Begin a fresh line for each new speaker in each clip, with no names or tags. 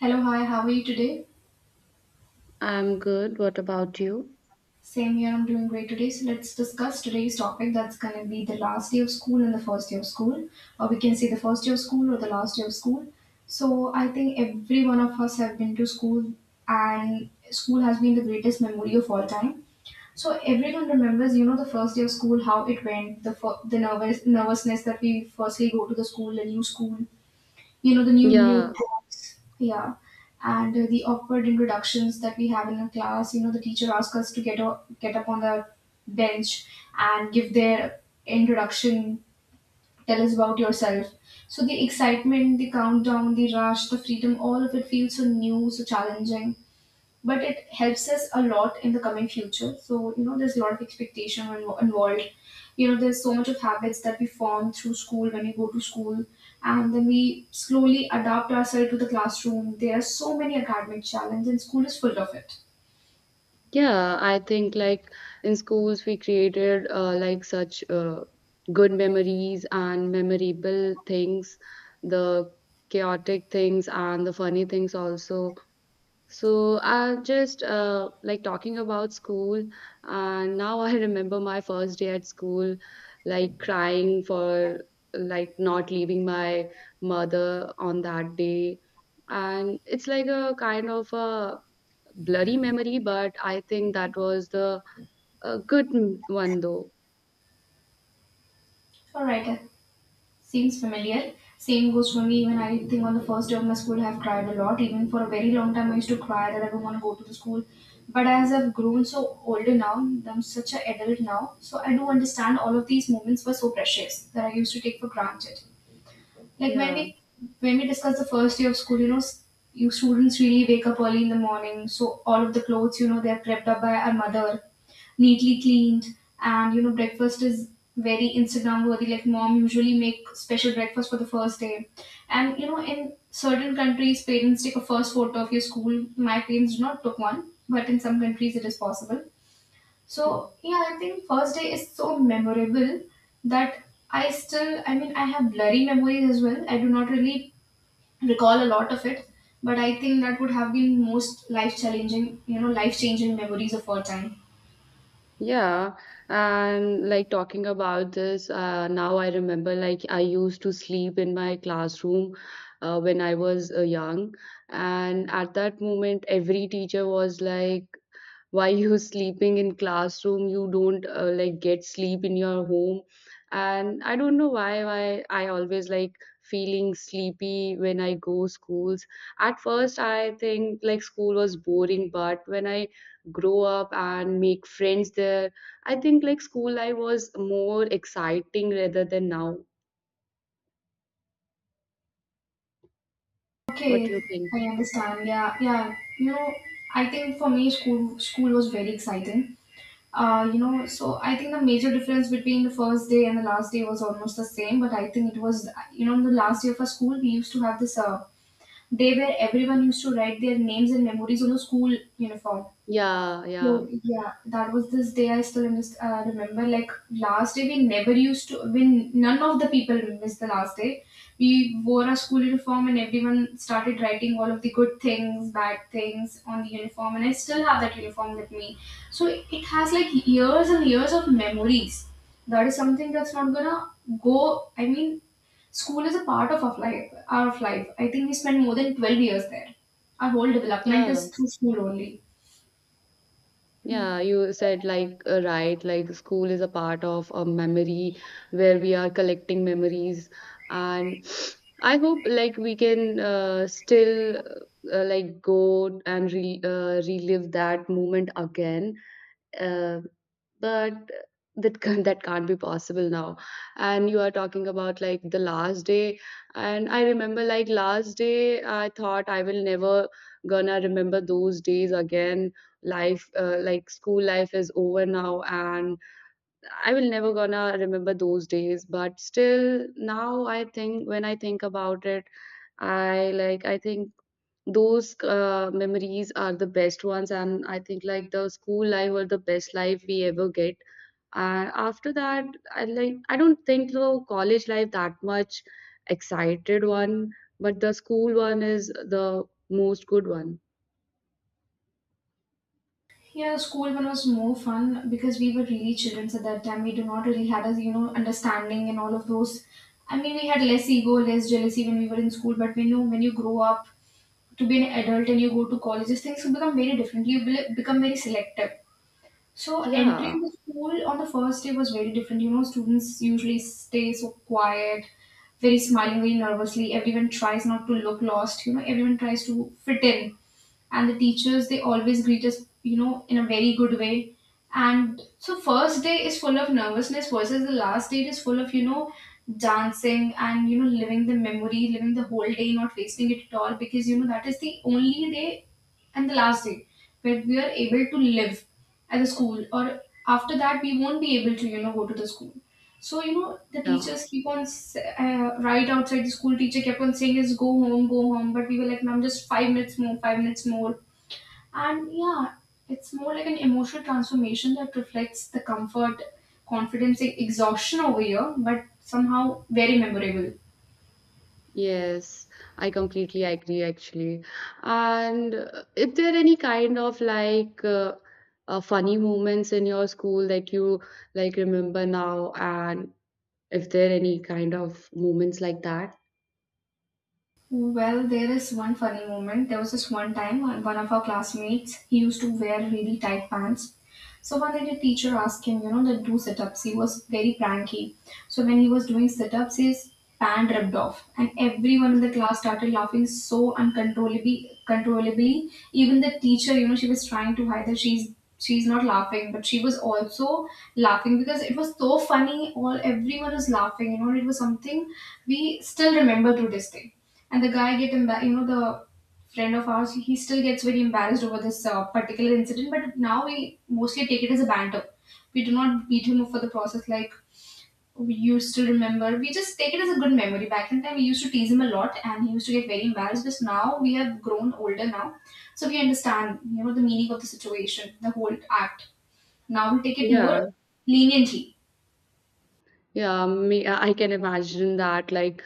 Hello, hi, how are you today?
I'm good. What about you?
Same here, I'm doing great today. So, let's discuss today's topic that's going to be the last day of school and the first day of school, or we can say the first day of school or the last day of school. So, I think every one of us have been to school, and school has been the greatest memory of all time. So, everyone remembers, the first day of school, how it went, the nervousness that we firstly go to the school, a new school, you know, the new
Yeah,
tracks, yeah. And the awkward introductions that we have in a class. You know, the teacher asks us to get up on the bench and give their introduction, tell us about yourself. So the excitement, the countdown, the rush, the freedom, all of it feels so new, so challenging, but it helps us a lot in the coming future. So, you know, there's a lot of involved. You know, there's so much of habits that we form through school when we go to school, and then we slowly adapt ourselves to the classroom. There are so many academic challenges, and school is full of it.
yeah. I think like in schools we created like such good memories and memorable things, the chaotic things and the funny things also. So I just like talking about school, and now I remember my first day at school, like crying for like not leaving my mother on that day, and it's like a kind of a blurry memory, but I think that was the a one though.
All right, seems familiar. Same goes for me. Even I think on the first day of my school, I have cried a lot. Even for a very long time, I used to cry that I don't want to go to the school. But as I've grown so older now, I'm such an adult now, so I do understand all of these moments were so precious that I used to take for granted, like
Yeah.
when we discuss the first day of school, you students really wake up early in the morning, so all of the clothes, you know, they're prepped up by our mother, neatly cleaned, and you know, breakfast is very Instagram worthy. Like mom usually make special breakfast for the first day, and you know, in certain countries, parents take a first photo of your school. My parents do not took one, but in some countries it is possible.
Hmm.
So yeah, I think first day is so memorable that I still, I mean, I have blurry memories as well. I do not really recall a lot of it, but I think that would have been most life challenging, you know, life changing memories of all time.
Yeah, and like talking about this, now I remember like I used to sleep in my classroom when I was young, and at that moment, every teacher was like, while you're sleeping in classroom you don't like get sleep in your home, and I don't know why I always like feeling sleepy when I go schools. At first I think like school was boring, but when I grow up and make friends there, I think like school life was more exciting rather than now. What do
Okay,
you think?
I understand. Yeah, yeah. You know, I think for me, school was very exciting. So I think the major difference between the first day and the last day was almost the same. But I think it was, you know, in the last day of our school, we used to have this day where everyone used to write their names and memories on the school uniform.
yeah
So
yeah
yeah, that was this day I still remember. Like last day, we never used to. When none of the people missed the last day, we wore our school uniform and everyone started writing all of the good things, bad things on the uniform. And I still have that uniform with me. So it has like years and years of memories. That is something that's not gonna go. I mean, school is a part of our life. Our life. I think we spent more than 12 years there. Our whole development
yeah
is through school only.
Yeah, you said like right, like school is a part of a memory where we are collecting memories, and I hope like we can still like go and re relive that moment again. Um, but that can't be possible now, and you are talking about like the last day, and I remember like last day I thought I will never gonna remember those days again. Life like school life is over now, and I will never gonna remember those days, but still now I think when I think about it, I think those memories are the best ones, and I think like the school life were the best life we ever get. And after that I don't think the college life that much excited one, but the school one is the most good one.
Yeah, the school one was more fun because we were really children at that time. We do not really had a, you know, understanding and all of those. I mean, we had less ego, less jealousy when we were in school. But when you grow up to be an adult and you go to colleges, things become very different. You will become very selective. So
Yeah,
entering the school on the first day was very different. You know, students usually stay so quiet, very smiling, very nervously. Everyone tries not to look lost. You know, everyone tries to fit in, and the teachers, they always greet us, you know, in a very good way. And so first day is full of nervousness versus the last day is full of, you know, dancing and, you know, living the memory, living the whole day, not wasting it at all, because you know that is the only day and the last day where we are able to live at the school, or after that we won't be able to, you know, go to the school. So you know the
yeah.
teachers keep on right outside the school, teacher kept on saying is go home, go home, but we were like, ma'am, just 5 minutes more, 5 minutes more. And yeah, it's more like an emotional transformation that reflects the comfort, confidence, exhaustion over here, but somehow very memorable.
Yes, I completely agree actually. And if there any kind of like funny moments in your school that you like remember now, and if there are any kind of moments like that.
Well, there is one funny moment. There was this one time, one of our classmates, he used to wear really tight pants. So one day the teacher asked him, you know, to do sit-ups. He was very pranky. So when he was doing sit-ups, his pant ripped off. And everyone in the class started laughing so uncontrollably controllably. Even the teacher, you know, she was trying to hide that she's not laughing, but she was also laughing because it was so funny. All everyone was laughing, you know, it was something we still remember to this day. And the guy get you know, the friend of ours, he still gets very embarrassed over this particular incident, but now we mostly take it as a banter. We do not beat him up for the process, like we used to remember, we just take it as a good memory. Back in time we used to tease him a lot and he used to get very embarrassed, but now we have grown older now, so we understand, you know, the meaning of the situation, the whole act. Now we take it more
Yeah,
leniently.
yeah, me, I can imagine that like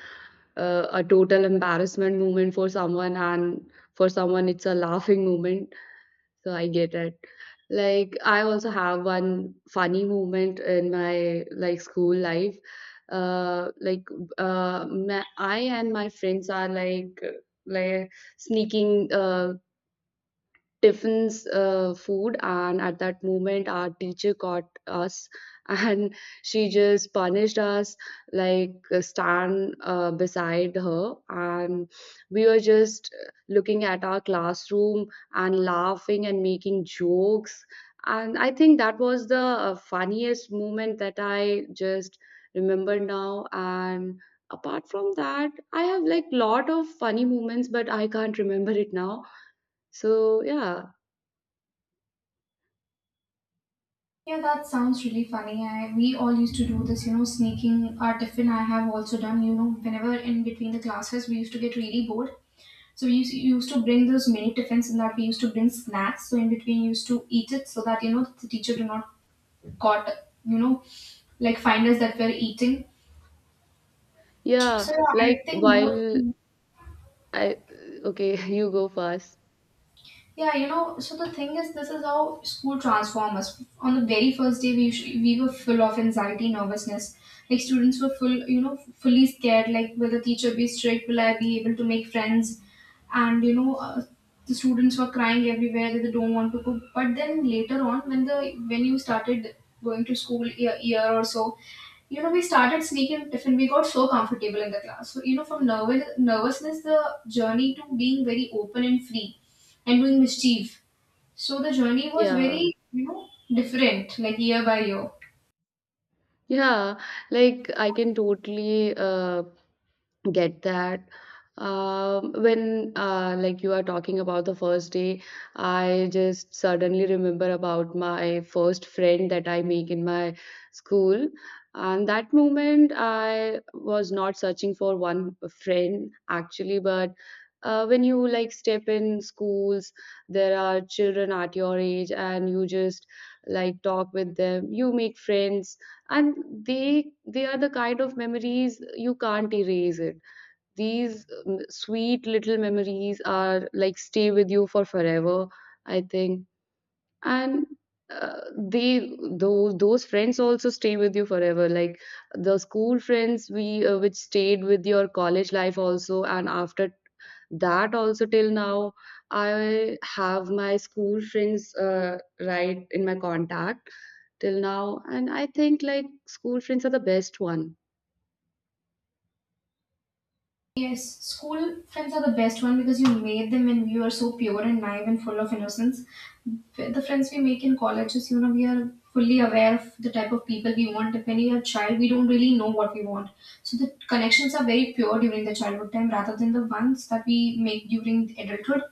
a total embarrassment moment for someone, and for someone it's a laughing moment. So I get it. Like I also have one funny moment in my like school life. Like ma I and my friends are like sneaking tiffins food, and at that moment our teacher caught us and she just punished us like stand beside her, and we were just looking at our classroom and laughing and making jokes, and I think that was the funniest moment that I just remember now. And apart from that I have like lot of funny moments, but I can't remember it now, so yeah.
Yeah, that sounds really funny. I, we all used to do this, you know, sneaking our tiffin. I have also done, you know, whenever in between the classes we used to get really bored. So we used to bring those mini tiffins, and that we used to bring snacks. So in between, used to eat it so that you know the teacher do not got, you know, like find us that we're eating.
Yeah,
So yeah,
like
I think more.
while I— okay, you go first.
Yeah, you know, so the thing is, this is how school transforms us. On the very first day, we usually, we were full of anxiety, nervousness. Like students were full, you know, fully scared. Like, will the teacher be strict? Will I be able to make friends? And you know, the students were crying everywhere that they don't want to cook. But then later on, when you started going to school year, year or so, you know we started sneaking tiffin, we got so comfortable in the class. So, you know, from nervousness, the journey to being very open and free and doing mischief. So the journey was
Yeah.
very, you know, different, like year by year.
Yeah, like I can totally get that. Um, when like you are talking about the first day, I just suddenly remember about my first friend that I make in my school, and that moment I was not searching for one friend actually, but when you like step in schools, there are children at your age and you just like talk with them, you make friends, and they are the kind of memories you can't erase it. These sweet little memories are like stay with you for forever, I think. And they those friends also stay with you forever. Like the school friends we which stayed with your college life also, and after that also till now I have my school friends right in my contact till now, and I think like school friends are the best one.
Yes, school friends are the best one because you made them when we were so pure and naive and full of innocence. The friends we make in colleges, you know, we are fully aware of the type of people we want. When we are a child, we don't really know what we want. So the connections are very pure during the childhood time rather than the ones that we make during adulthood.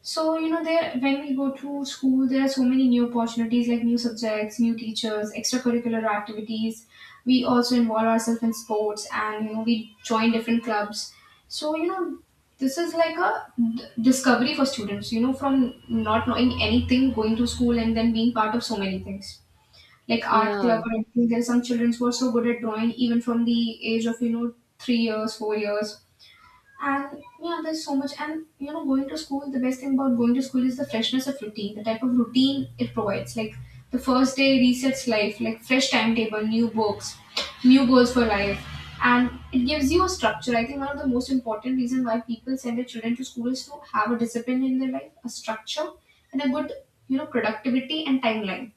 So, you know, there when we go to school, there are so many new opportunities like new subjects, new teachers, extracurricular activities. We also involve ourselves in sports and, you know, we join different clubs. So, you know, this is like a discovery for students, you know, from not knowing anything, going to school and then being part of so many things. Like art
Yeah.
club or anything. There are some children who are so good at drawing even from the age of, you know, 3 years, 4 years, and yeah, there's so much. And you know, going to school, the best thing about going to school is the freshness of routine, the type of routine it provides. Like the first day resets life, like fresh timetable, new books, new goals for life. And it gives you a structure. I think one of the most important reasons why people send their children to school is to have a discipline in their life, a structure, and a good, you know, productivity and timeline.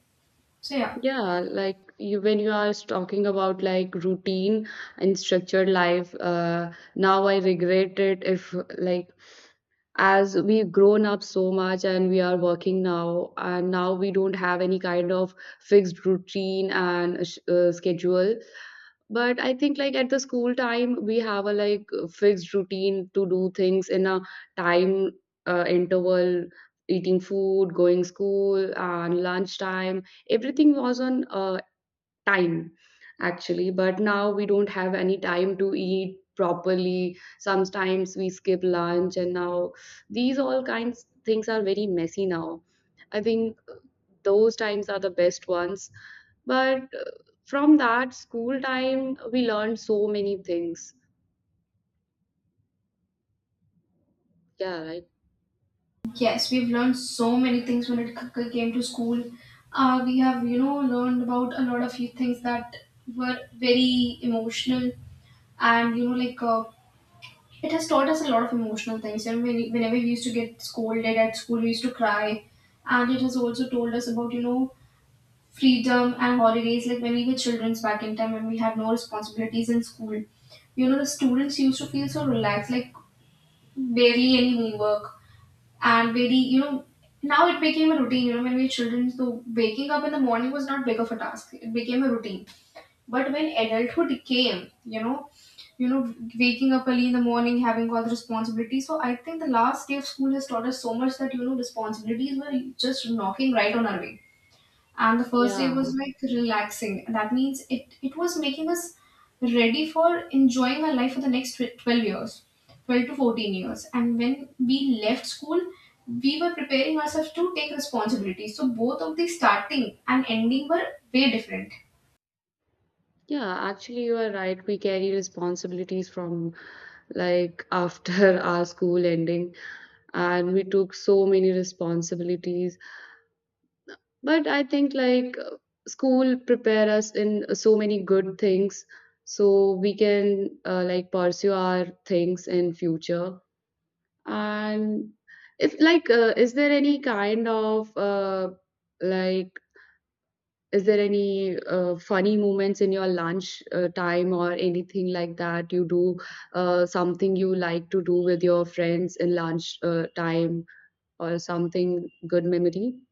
So yeah.
Yeah, like you, when you are talking about like routine and structured life, now I regret it. If like as we've grown up so much and we are working now, and now we don't have any kind of fixed routine and schedule. But I think like at the school time, we have a like fixed routine to do things in a time interval, eating food, going school, and lunchtime, everything was on time actually. But now we don't have any time to eat properly, sometimes we skip lunch, and now these all kinds things are very messy now. I think those times are the best ones, but from that school time we learned so many things. Yeah, right.
Yes, we've learned so many things when it came to school. We have, learned about a lot of few things that were very emotional, and it has taught us a lot of emotional things. And whenever we used to get scolded at school, we used to cry, and it has also told us about freedom and holidays. Like when we were childrens back in time, when we had no responsibilities in school, the students used to feel so relaxed, like barely any homework, and very, now it became a routine. When we were children, so waking up in the morning was not big of a task, it became a routine. But when adulthood came, waking up early in the morning, having all the responsibilities. So I think the last day of school has taught us so much that, responsibilities were just knocking right on our way. And the first day
Yeah,
was like relaxing. That means it was making us ready for enjoying our life for the next 12 years. 12 to 14 years. And when we left school, we were preparing ourselves to take responsibility. So both of the starting and ending were way different.
yeah, actually you are right, we carry responsibilities from like after our school ending, and we took so many responsibilities. But I think like school prepare us in so many good things, so we can like pursue our things in future. And if like, is there any kind of like, is there any funny moments in your lunch time or anything like that? You do something you like to do with your friends in lunch time or something good memory?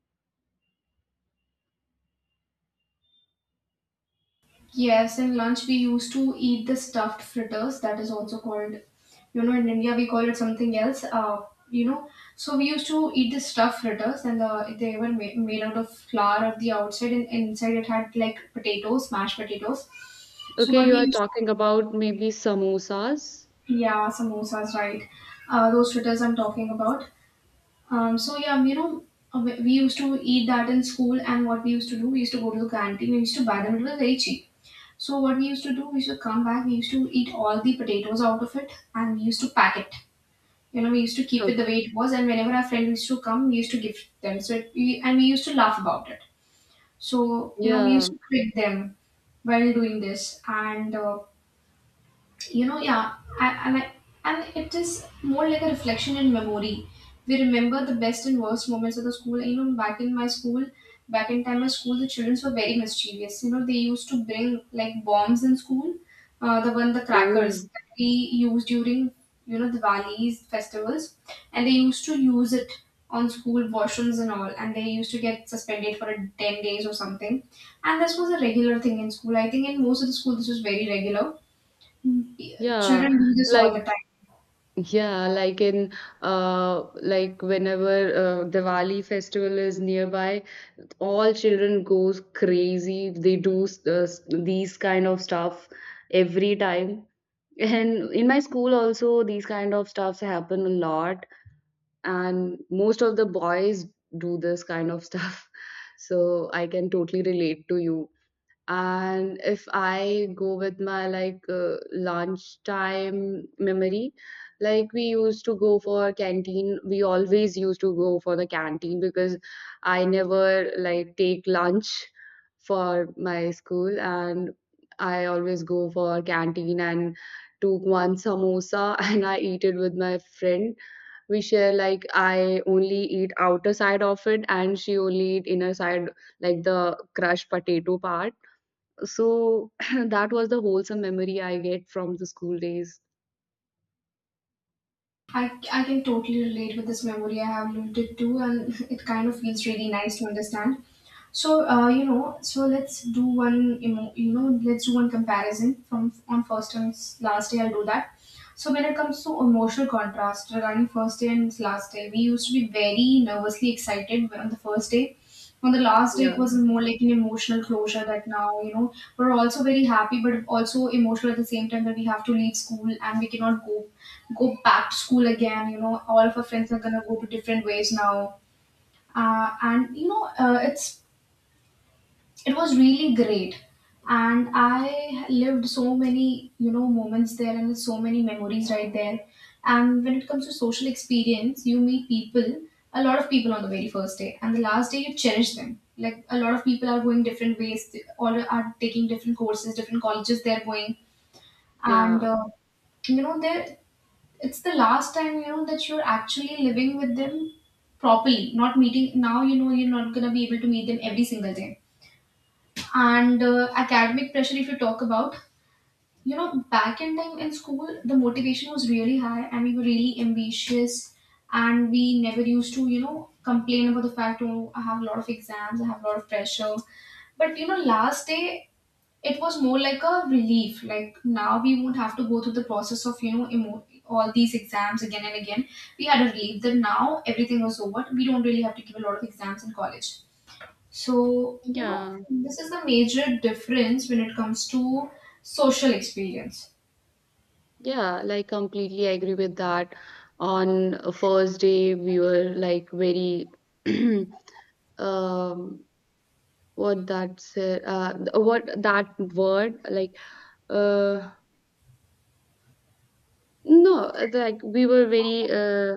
Yes, in lunch we used to eat the stuffed fritters. That is also called, in India we call it something else. You know, so we used to eat the stuffed fritters, and they were made out of flour at the outside, and inside it had like potatoes, mashed potatoes. So
Okay,
what
you
we
are
used to,
talking about maybe samosas.
yeah, samosas, right? Those fritters I'm talking about. Um, so yeah, you know, we used to eat that in school, and what we used to do, we used to go to the canteen, we used to buy them. It was very cheap. So what we used to do, we used to come back, we used to eat all the potatoes out of it, and we used to pack it. You know, we used to keep
Huh.
it the way it was, and whenever our friend used to come, we used to give them. So, and we used to laugh about it. So, you know, we used
Yeah.
to trick them while doing this, and I like, and it is more like a reflection in memory. We remember the best and worst moments of the school. Back in my school, back in time, my school, the children were very mischievous. They used to bring like bombs in school. The one the crackers
Oh,
that we use during the Diwali's festivals, and they used to use it on school washrooms and all, and they used to get suspended for a 10 days or something. And this was a regular thing in school. I think in most of the school this was very regular.
yeah.
Children do this all
Like
the time.
yeah, like in like whenever Diwali festival is nearby, all children goes crazy. They do these kind of stuff every time. And in my school also these kind of stuffs happen a lot, and most of the boys do this kind of stuff. So I can totally relate to you. And if I go with my like lunchtime memory, like we used to go for canteen, we always used to go for the canteen because I never like take lunch for my school, and I always go for canteen and took one samosa and I eat it with my friend. We share, like I only eat outer side of it and she only eat inner side, like the crushed potato part, so that was the wholesome memory I get from the school days.
I, I can totally relate with this memory. I have lived it too, and it kind of feels really nice to understand. So let's do one you know, let's do one comparison from on first and last day. I'll do that. So when it comes to emotional contrast regarding first day and last day, we used to be very nervously excited on the first day. On the last day, it
Yeah,
was more like an emotional closure that now, we're also very happy, but also emotional at the same time that we have to leave school and we cannot go back to school again. You know, all of our friends are gonna go to different ways now. And you know it's It was really great, and I lived so many, moments there, and so many memories right there. And when it comes to social experience, you meet people, a lot of people on the very first day. And the last day, you cherish them, like a lot of people are going different ways, they all are taking different courses, different colleges they're going. And
yeah,
you know there It's the last time, that you're actually living with them properly, not meeting now. You're not going to be able to meet them every single day. And Academic pressure, if you talk about, back in time in school, the motivation was really high and we were really ambitious, and we never used to, complain about the fact, oh, I have a lot of exams, I have a lot of pressure. But, last day, it was more like a relief, like now we won't have to go through the process of, all these exams again and again. We had a relief that now everything was over. We don't really have to give a lot of exams in college. So, you know,
yeah,
this is the major difference when it comes to social experience.
yeah. Like completely agree with that. On a first day, we were like very um, what that said, uh, what that word like, uh no, like we were very,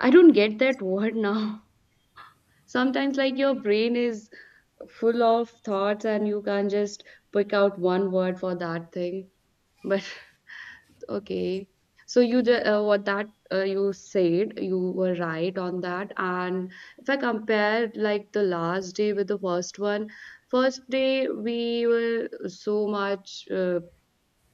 I don't get that word now. Sometimes like your brain is full of thoughts and you can't just pick out one word for that thing. But okay. So you what that you said, you were right on that. And if I compare like the last day with the first one, first day we were so much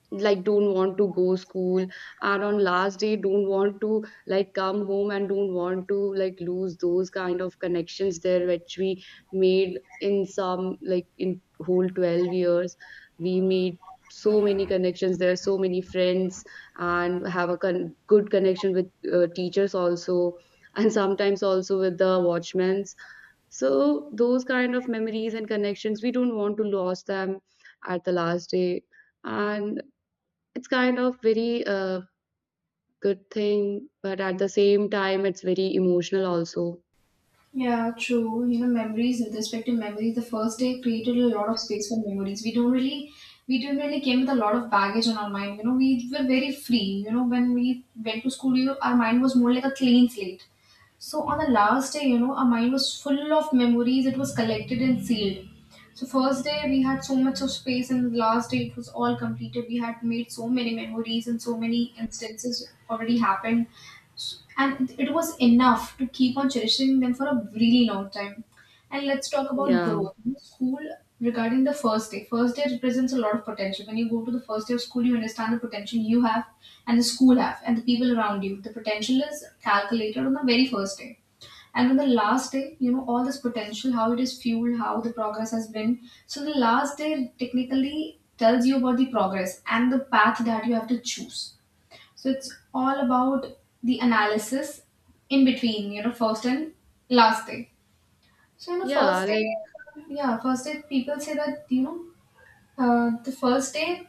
like don't want to go school, and on last day don't want to like come home and don't want to like lose those kind of connections there which we made in some like in whole 12 years. We made so many connections there, so many friends, and have a good connection with teachers also, and sometimes also with the watchmen. So those kind of memories and connections we don't want to lose them at the last day, and it's kind of very good thing, but at the same time, it's very emotional also.
Yeah, true. You know, memories with respect to memories, the first day created a lot of space for memories. We didn't really came with a lot of baggage on our mind. You know, we were very free. You know, when we went to school, our mind was more like a clean slate. So on the last day, you know, our mind was full of memories. It was collected and sealed. So first day we had so much of space, and the last day it was all completed. We had made so many memories, and so many instances already happened, and it was enough to keep on cherishing them for a really long time. And let's talk about
Yeah.
growth. In school, regarding the first day represents a lot of potential. When you go to the first day of school, you understand the potential you have and the school have and the people around you. The potential is calculated on the very first day. And on the last day, you know, all this potential, how it is fueled, how the progress has been. So the last day technically tells you about the progress and the path that you have to choose. So it's all about the analysis in between, you know, first and last day. So, you know, first
Yeah,
day,
like—
yeah, first day, people say that, the first day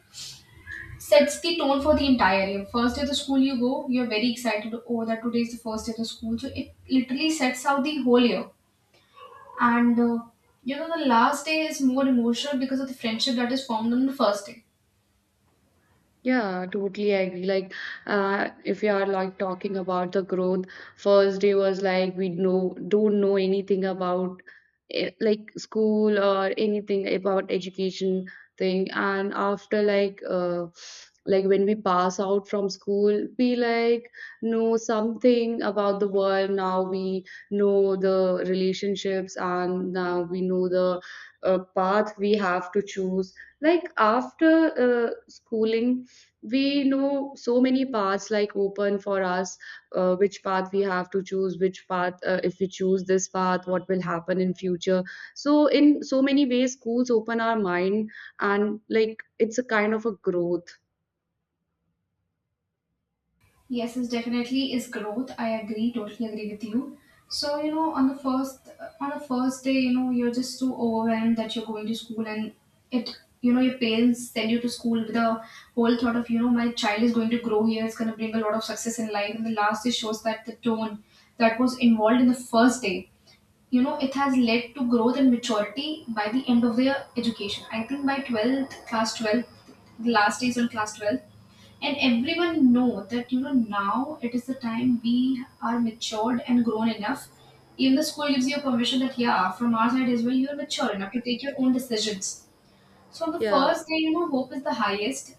sets the tone for the entire year. First day of the school you go, you're very excited, oh, that today is the first day of the school. So, it literally sets out the whole year. And, uh, you know, the last day is more emotional because of the friendship that is formed on the first day.
yeah, totally agree. Like, if you are like talking about the growth, first day was like we know don't know anything about eh, like school or anything about education thing, and after like when we pass out from school, we like know something about the world. Now we know the relationships, and now we know the path we have to choose. Like after schooling we know so many paths like open for us, which path we have to choose, which path if we choose this path what will happen in future. So in so many ways schools open our mind, and like it's a kind of a growth.
Yes, it definitely is growth. I agree, totally agree with you. So, you know, on the first day, you know, you're just so overwhelmed that you're going to school, and it you know, your parents send you to school with a whole thought of, you know, my child is going to grow here. It's gonna bring a lot of success in life. And the last day shows that the tone that was involved in the first day, you know, it has led to growth and maturity by the end of their education. I think by 12th, class 12th, the last days on class 12, and everyone know that, now it is the time we are matured and grown enough. Even the school gives you permission that, yeah, from our side as well, you're mature enough to take your own decisions. So on the
Yeah.
first day, you know, hope is the highest,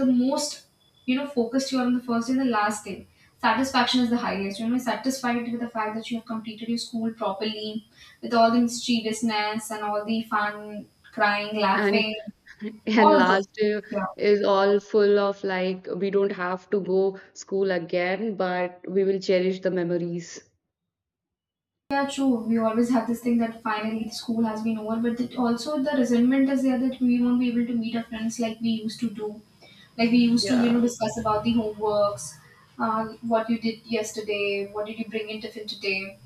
the most, you know, focused you are on the first day. The last day, satisfaction is the highest. You know, you're satisfied with the fact that you have completed your school properly, with all the mischievousness and all the fun, crying,
And
laughing,
and
all of those
last
things.
year
Yeah.
is all full of like we don't have to go school again, but we will cherish the memories.
Yeah, true. We always have this thing that finally the school has been over, but that also the resentment is there that we won't be able to meet our friends like we used to do. Like we used to, you know,
Yeah.
discuss about the homeworks, what you did yesterday, what did you bring in tiffin today.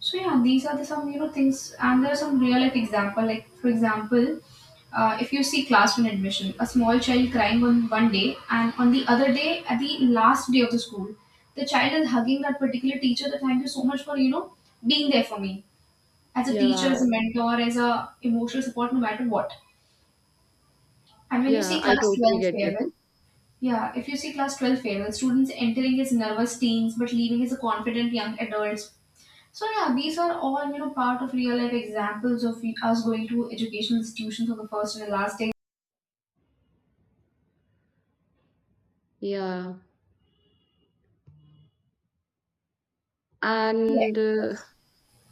So yeah, these are the some, you know, things, and there are some real life example. Like for example, if you see classroom admission, a small child crying on one day, and on the other day, at the last day of the school, the child is hugging that particular teacher. That, thank you so much for, you know, being there for me as a teacher,
Yeah,
as a mentor, as a emotional support, no matter what. And when you
yeah,
see
I
class
totally
12
get it.
farewell, yeah, if you see class 12 farewell, students entering as nervous teens but leaving as a confident young adults. So yeah, these are all, you know, part of real life examples of us going to educational institutions for the first and the last day.
Yeah,
Yeah.
and
Yes.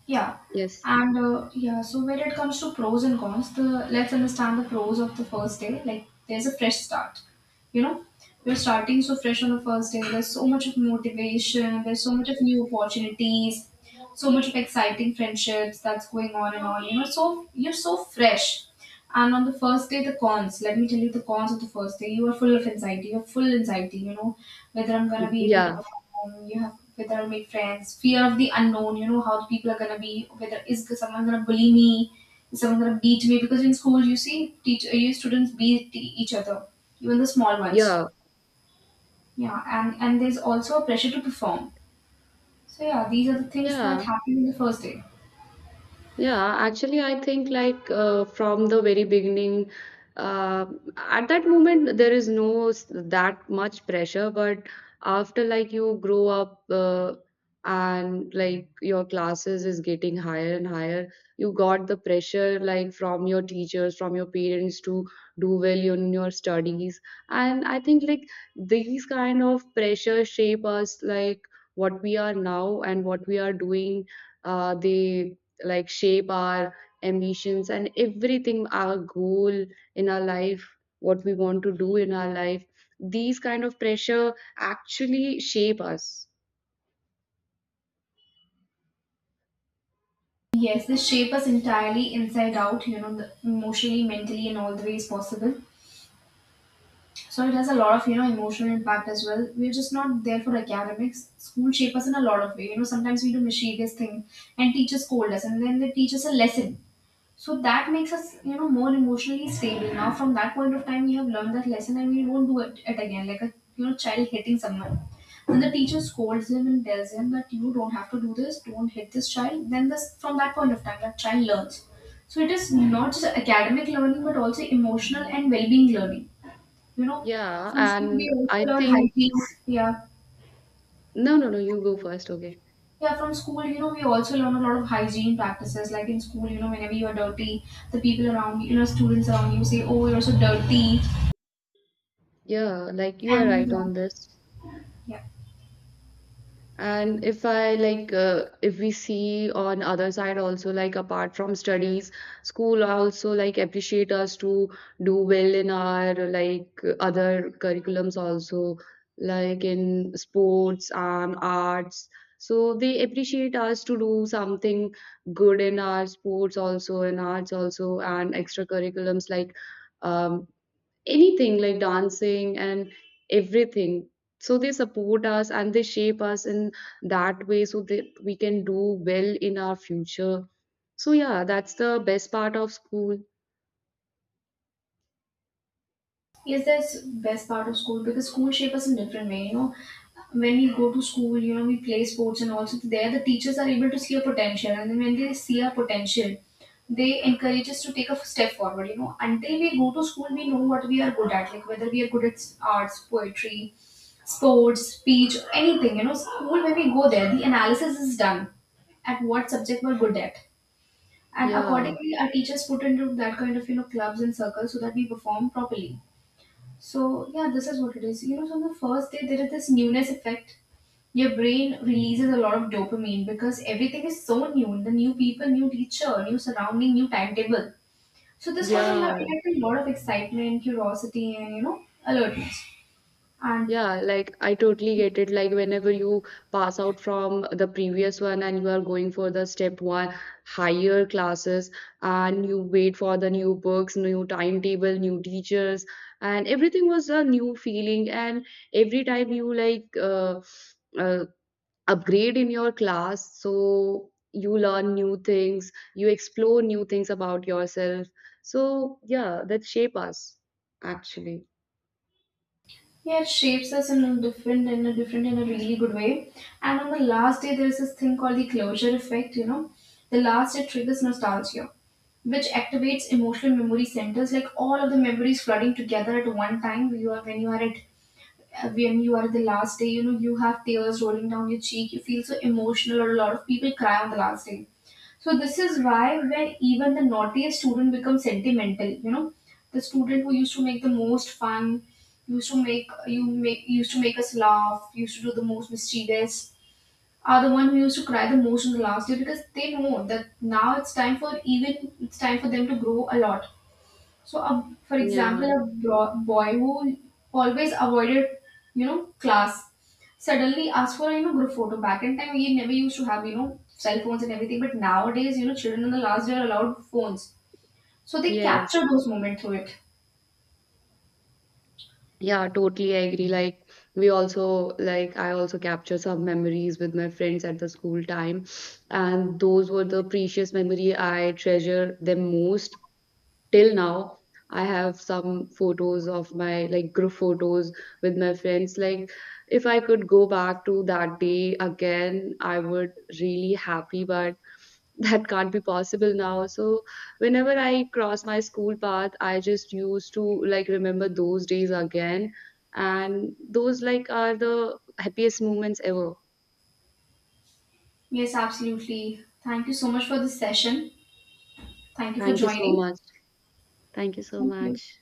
Yeah,
yes.
so when it comes to pros and cons, the let's understand the pros of the first day. Like there's a fresh start, you know, you are starting so fresh on the first day. There's so much of motivation. There's so much of new opportunities, so much of exciting friendships that's going on and on. You know, so you're so fresh. And on the first day, the cons. Let me tell you the cons of the first day. You are full of anxiety. You're full anxiety. You know whether I'm gonna be able to
Yeah,
perform. You have whether I'll make friends. Fear of the unknown. You know how the people are gonna be. Whether is someone gonna bully me? Is someone gonna beat me? Because in school, you see, teach you students beat each other, even the small ones.
yeah,
Yeah, and there's also a pressure to perform. So yeah, these are the things that
yeah.
happen in the first day.
Yeah, actually, I think like from the very beginning, uh, at that moment there is no that much pressure, but after like you grow up and like your classes is getting higher and higher, you got the pressure like from your teachers, from your parents to do well in your studies, and I think like these kind of pressure shape us like what we are now and what we are doing. They like shape our ambitions and everything, our goal in our life, what we want to do in our life. These kind of pressure actually shape us.
Yes, they shape us entirely inside out, you know, the- emotionally, mentally, in all the ways possible. So it has a lot of emotional impact as well. We're just not there for academics. School shape us in a lot of way. You know, sometimes we do mischievous thing and teachers scold us and then they teach us a lesson, so that makes us, more emotionally stable. Now from that point of time we have learned that lesson and we won't do it again, like a, you know, child hitting someone. When the teacher scolds him and tells him that you don't have to do this, don't hit this child, then this from that point of time that child learns. So it is not just academic learning but also emotional and well-being learning, you know.
Yeah,
From school
and
we also
I
learn
think—
hygiene. Yeah.
no, no, no, you go first. Okay.
Yeah, from school, you know, we also learn a lot of hygiene practices. Like in school, you know, whenever you are dirty, the people around you, you know, students around you say, oh, you're so dirty.
Yeah, like you are right
And
on this.
yeah.
And if I like, if we see on other side also, like apart from studies, school also like appreciate us to do well in our like other curriculums also, like in sports and arts. So they appreciate us to do something good in our sports also, in arts also, and extracurriculums like um, anything like dancing and everything. So they support us and they shape us in that way so that we can do well in our future. So yeah, that's the best part of school.
Yes, that's best part of school because school shape us in different way. You know, when we go to school, you know, we play sports and also there the teachers are able to see our potential, and then when they see our potential, they encourage us to take a step forward. You know, until we go to school, we know what we are good at, like whether we are good at arts, poetry, sports, speech, anything. You know, school when we go there, the analysis is done at what subject we're good at. And
Yeah,
accordingly, our teachers put into that kind of, you know, clubs and circles so that we perform properly. So yeah, this is what it is. You know, so on the first day there is this newness effect. Your brain releases a lot of dopamine because everything is so new. The new people, new teacher, new surrounding, new timetable. So this causes a lot,
yeah.
like a lot of excitement, curiosity, and, you know, alertness. And
Yeah, like I totally get it. Like whenever you pass out from the previous one and you are going for the step one higher classes, and you wait for the new books, new timetable, new teachers, and everything was a new feeling. And every time you like uh, upgrade in your class, so you learn new things, you explore new things about yourself. So yeah, that shape us actually.
yeah, it shapes us in a different, in a different, in a really good way. And on the last day, there is this thing called the closure effect. You know, the last day triggers nostalgia which activates emotional memory centers. Like all of the memories flooding together at one time. You are when you are at when you are at the last day, you know, you have tears rolling down your cheek, you feel so emotional, or a lot of people cry on the last day. So this is why when even the naughtiest student becomes sentimental. You know, the student who used to make the most fun, used to make us laugh, used to do the most mischievous, are the one who used to cry the most in the last year, because they know that now it's time for, even it's time for them to grow a lot. So, a, for
Yeah.
example, a boy who always avoided, you know, class suddenly asked for a, you know, group photo. Back in time, we never used to have, you know, cell phones and everything, but nowadays, you know, children in the last year are allowed phones, so they
Yes.
capture those moments through it.
Yeah, totally I agree. Like we also like I also capture some memories with my friends at the school time, and those were the precious memory I treasure them most till now. I have some photos of my like group photos with my friends. Like if I could go back to that day again, I would really happy, but that can't be possible now. So whenever I cross my school path I just used to like remember those days again, and those like are the happiest moments ever.
Yes, absolutely. Thank you so much for this session. Thank you for
Thank you so
joining.
much. Thank you so
Thank you.
much.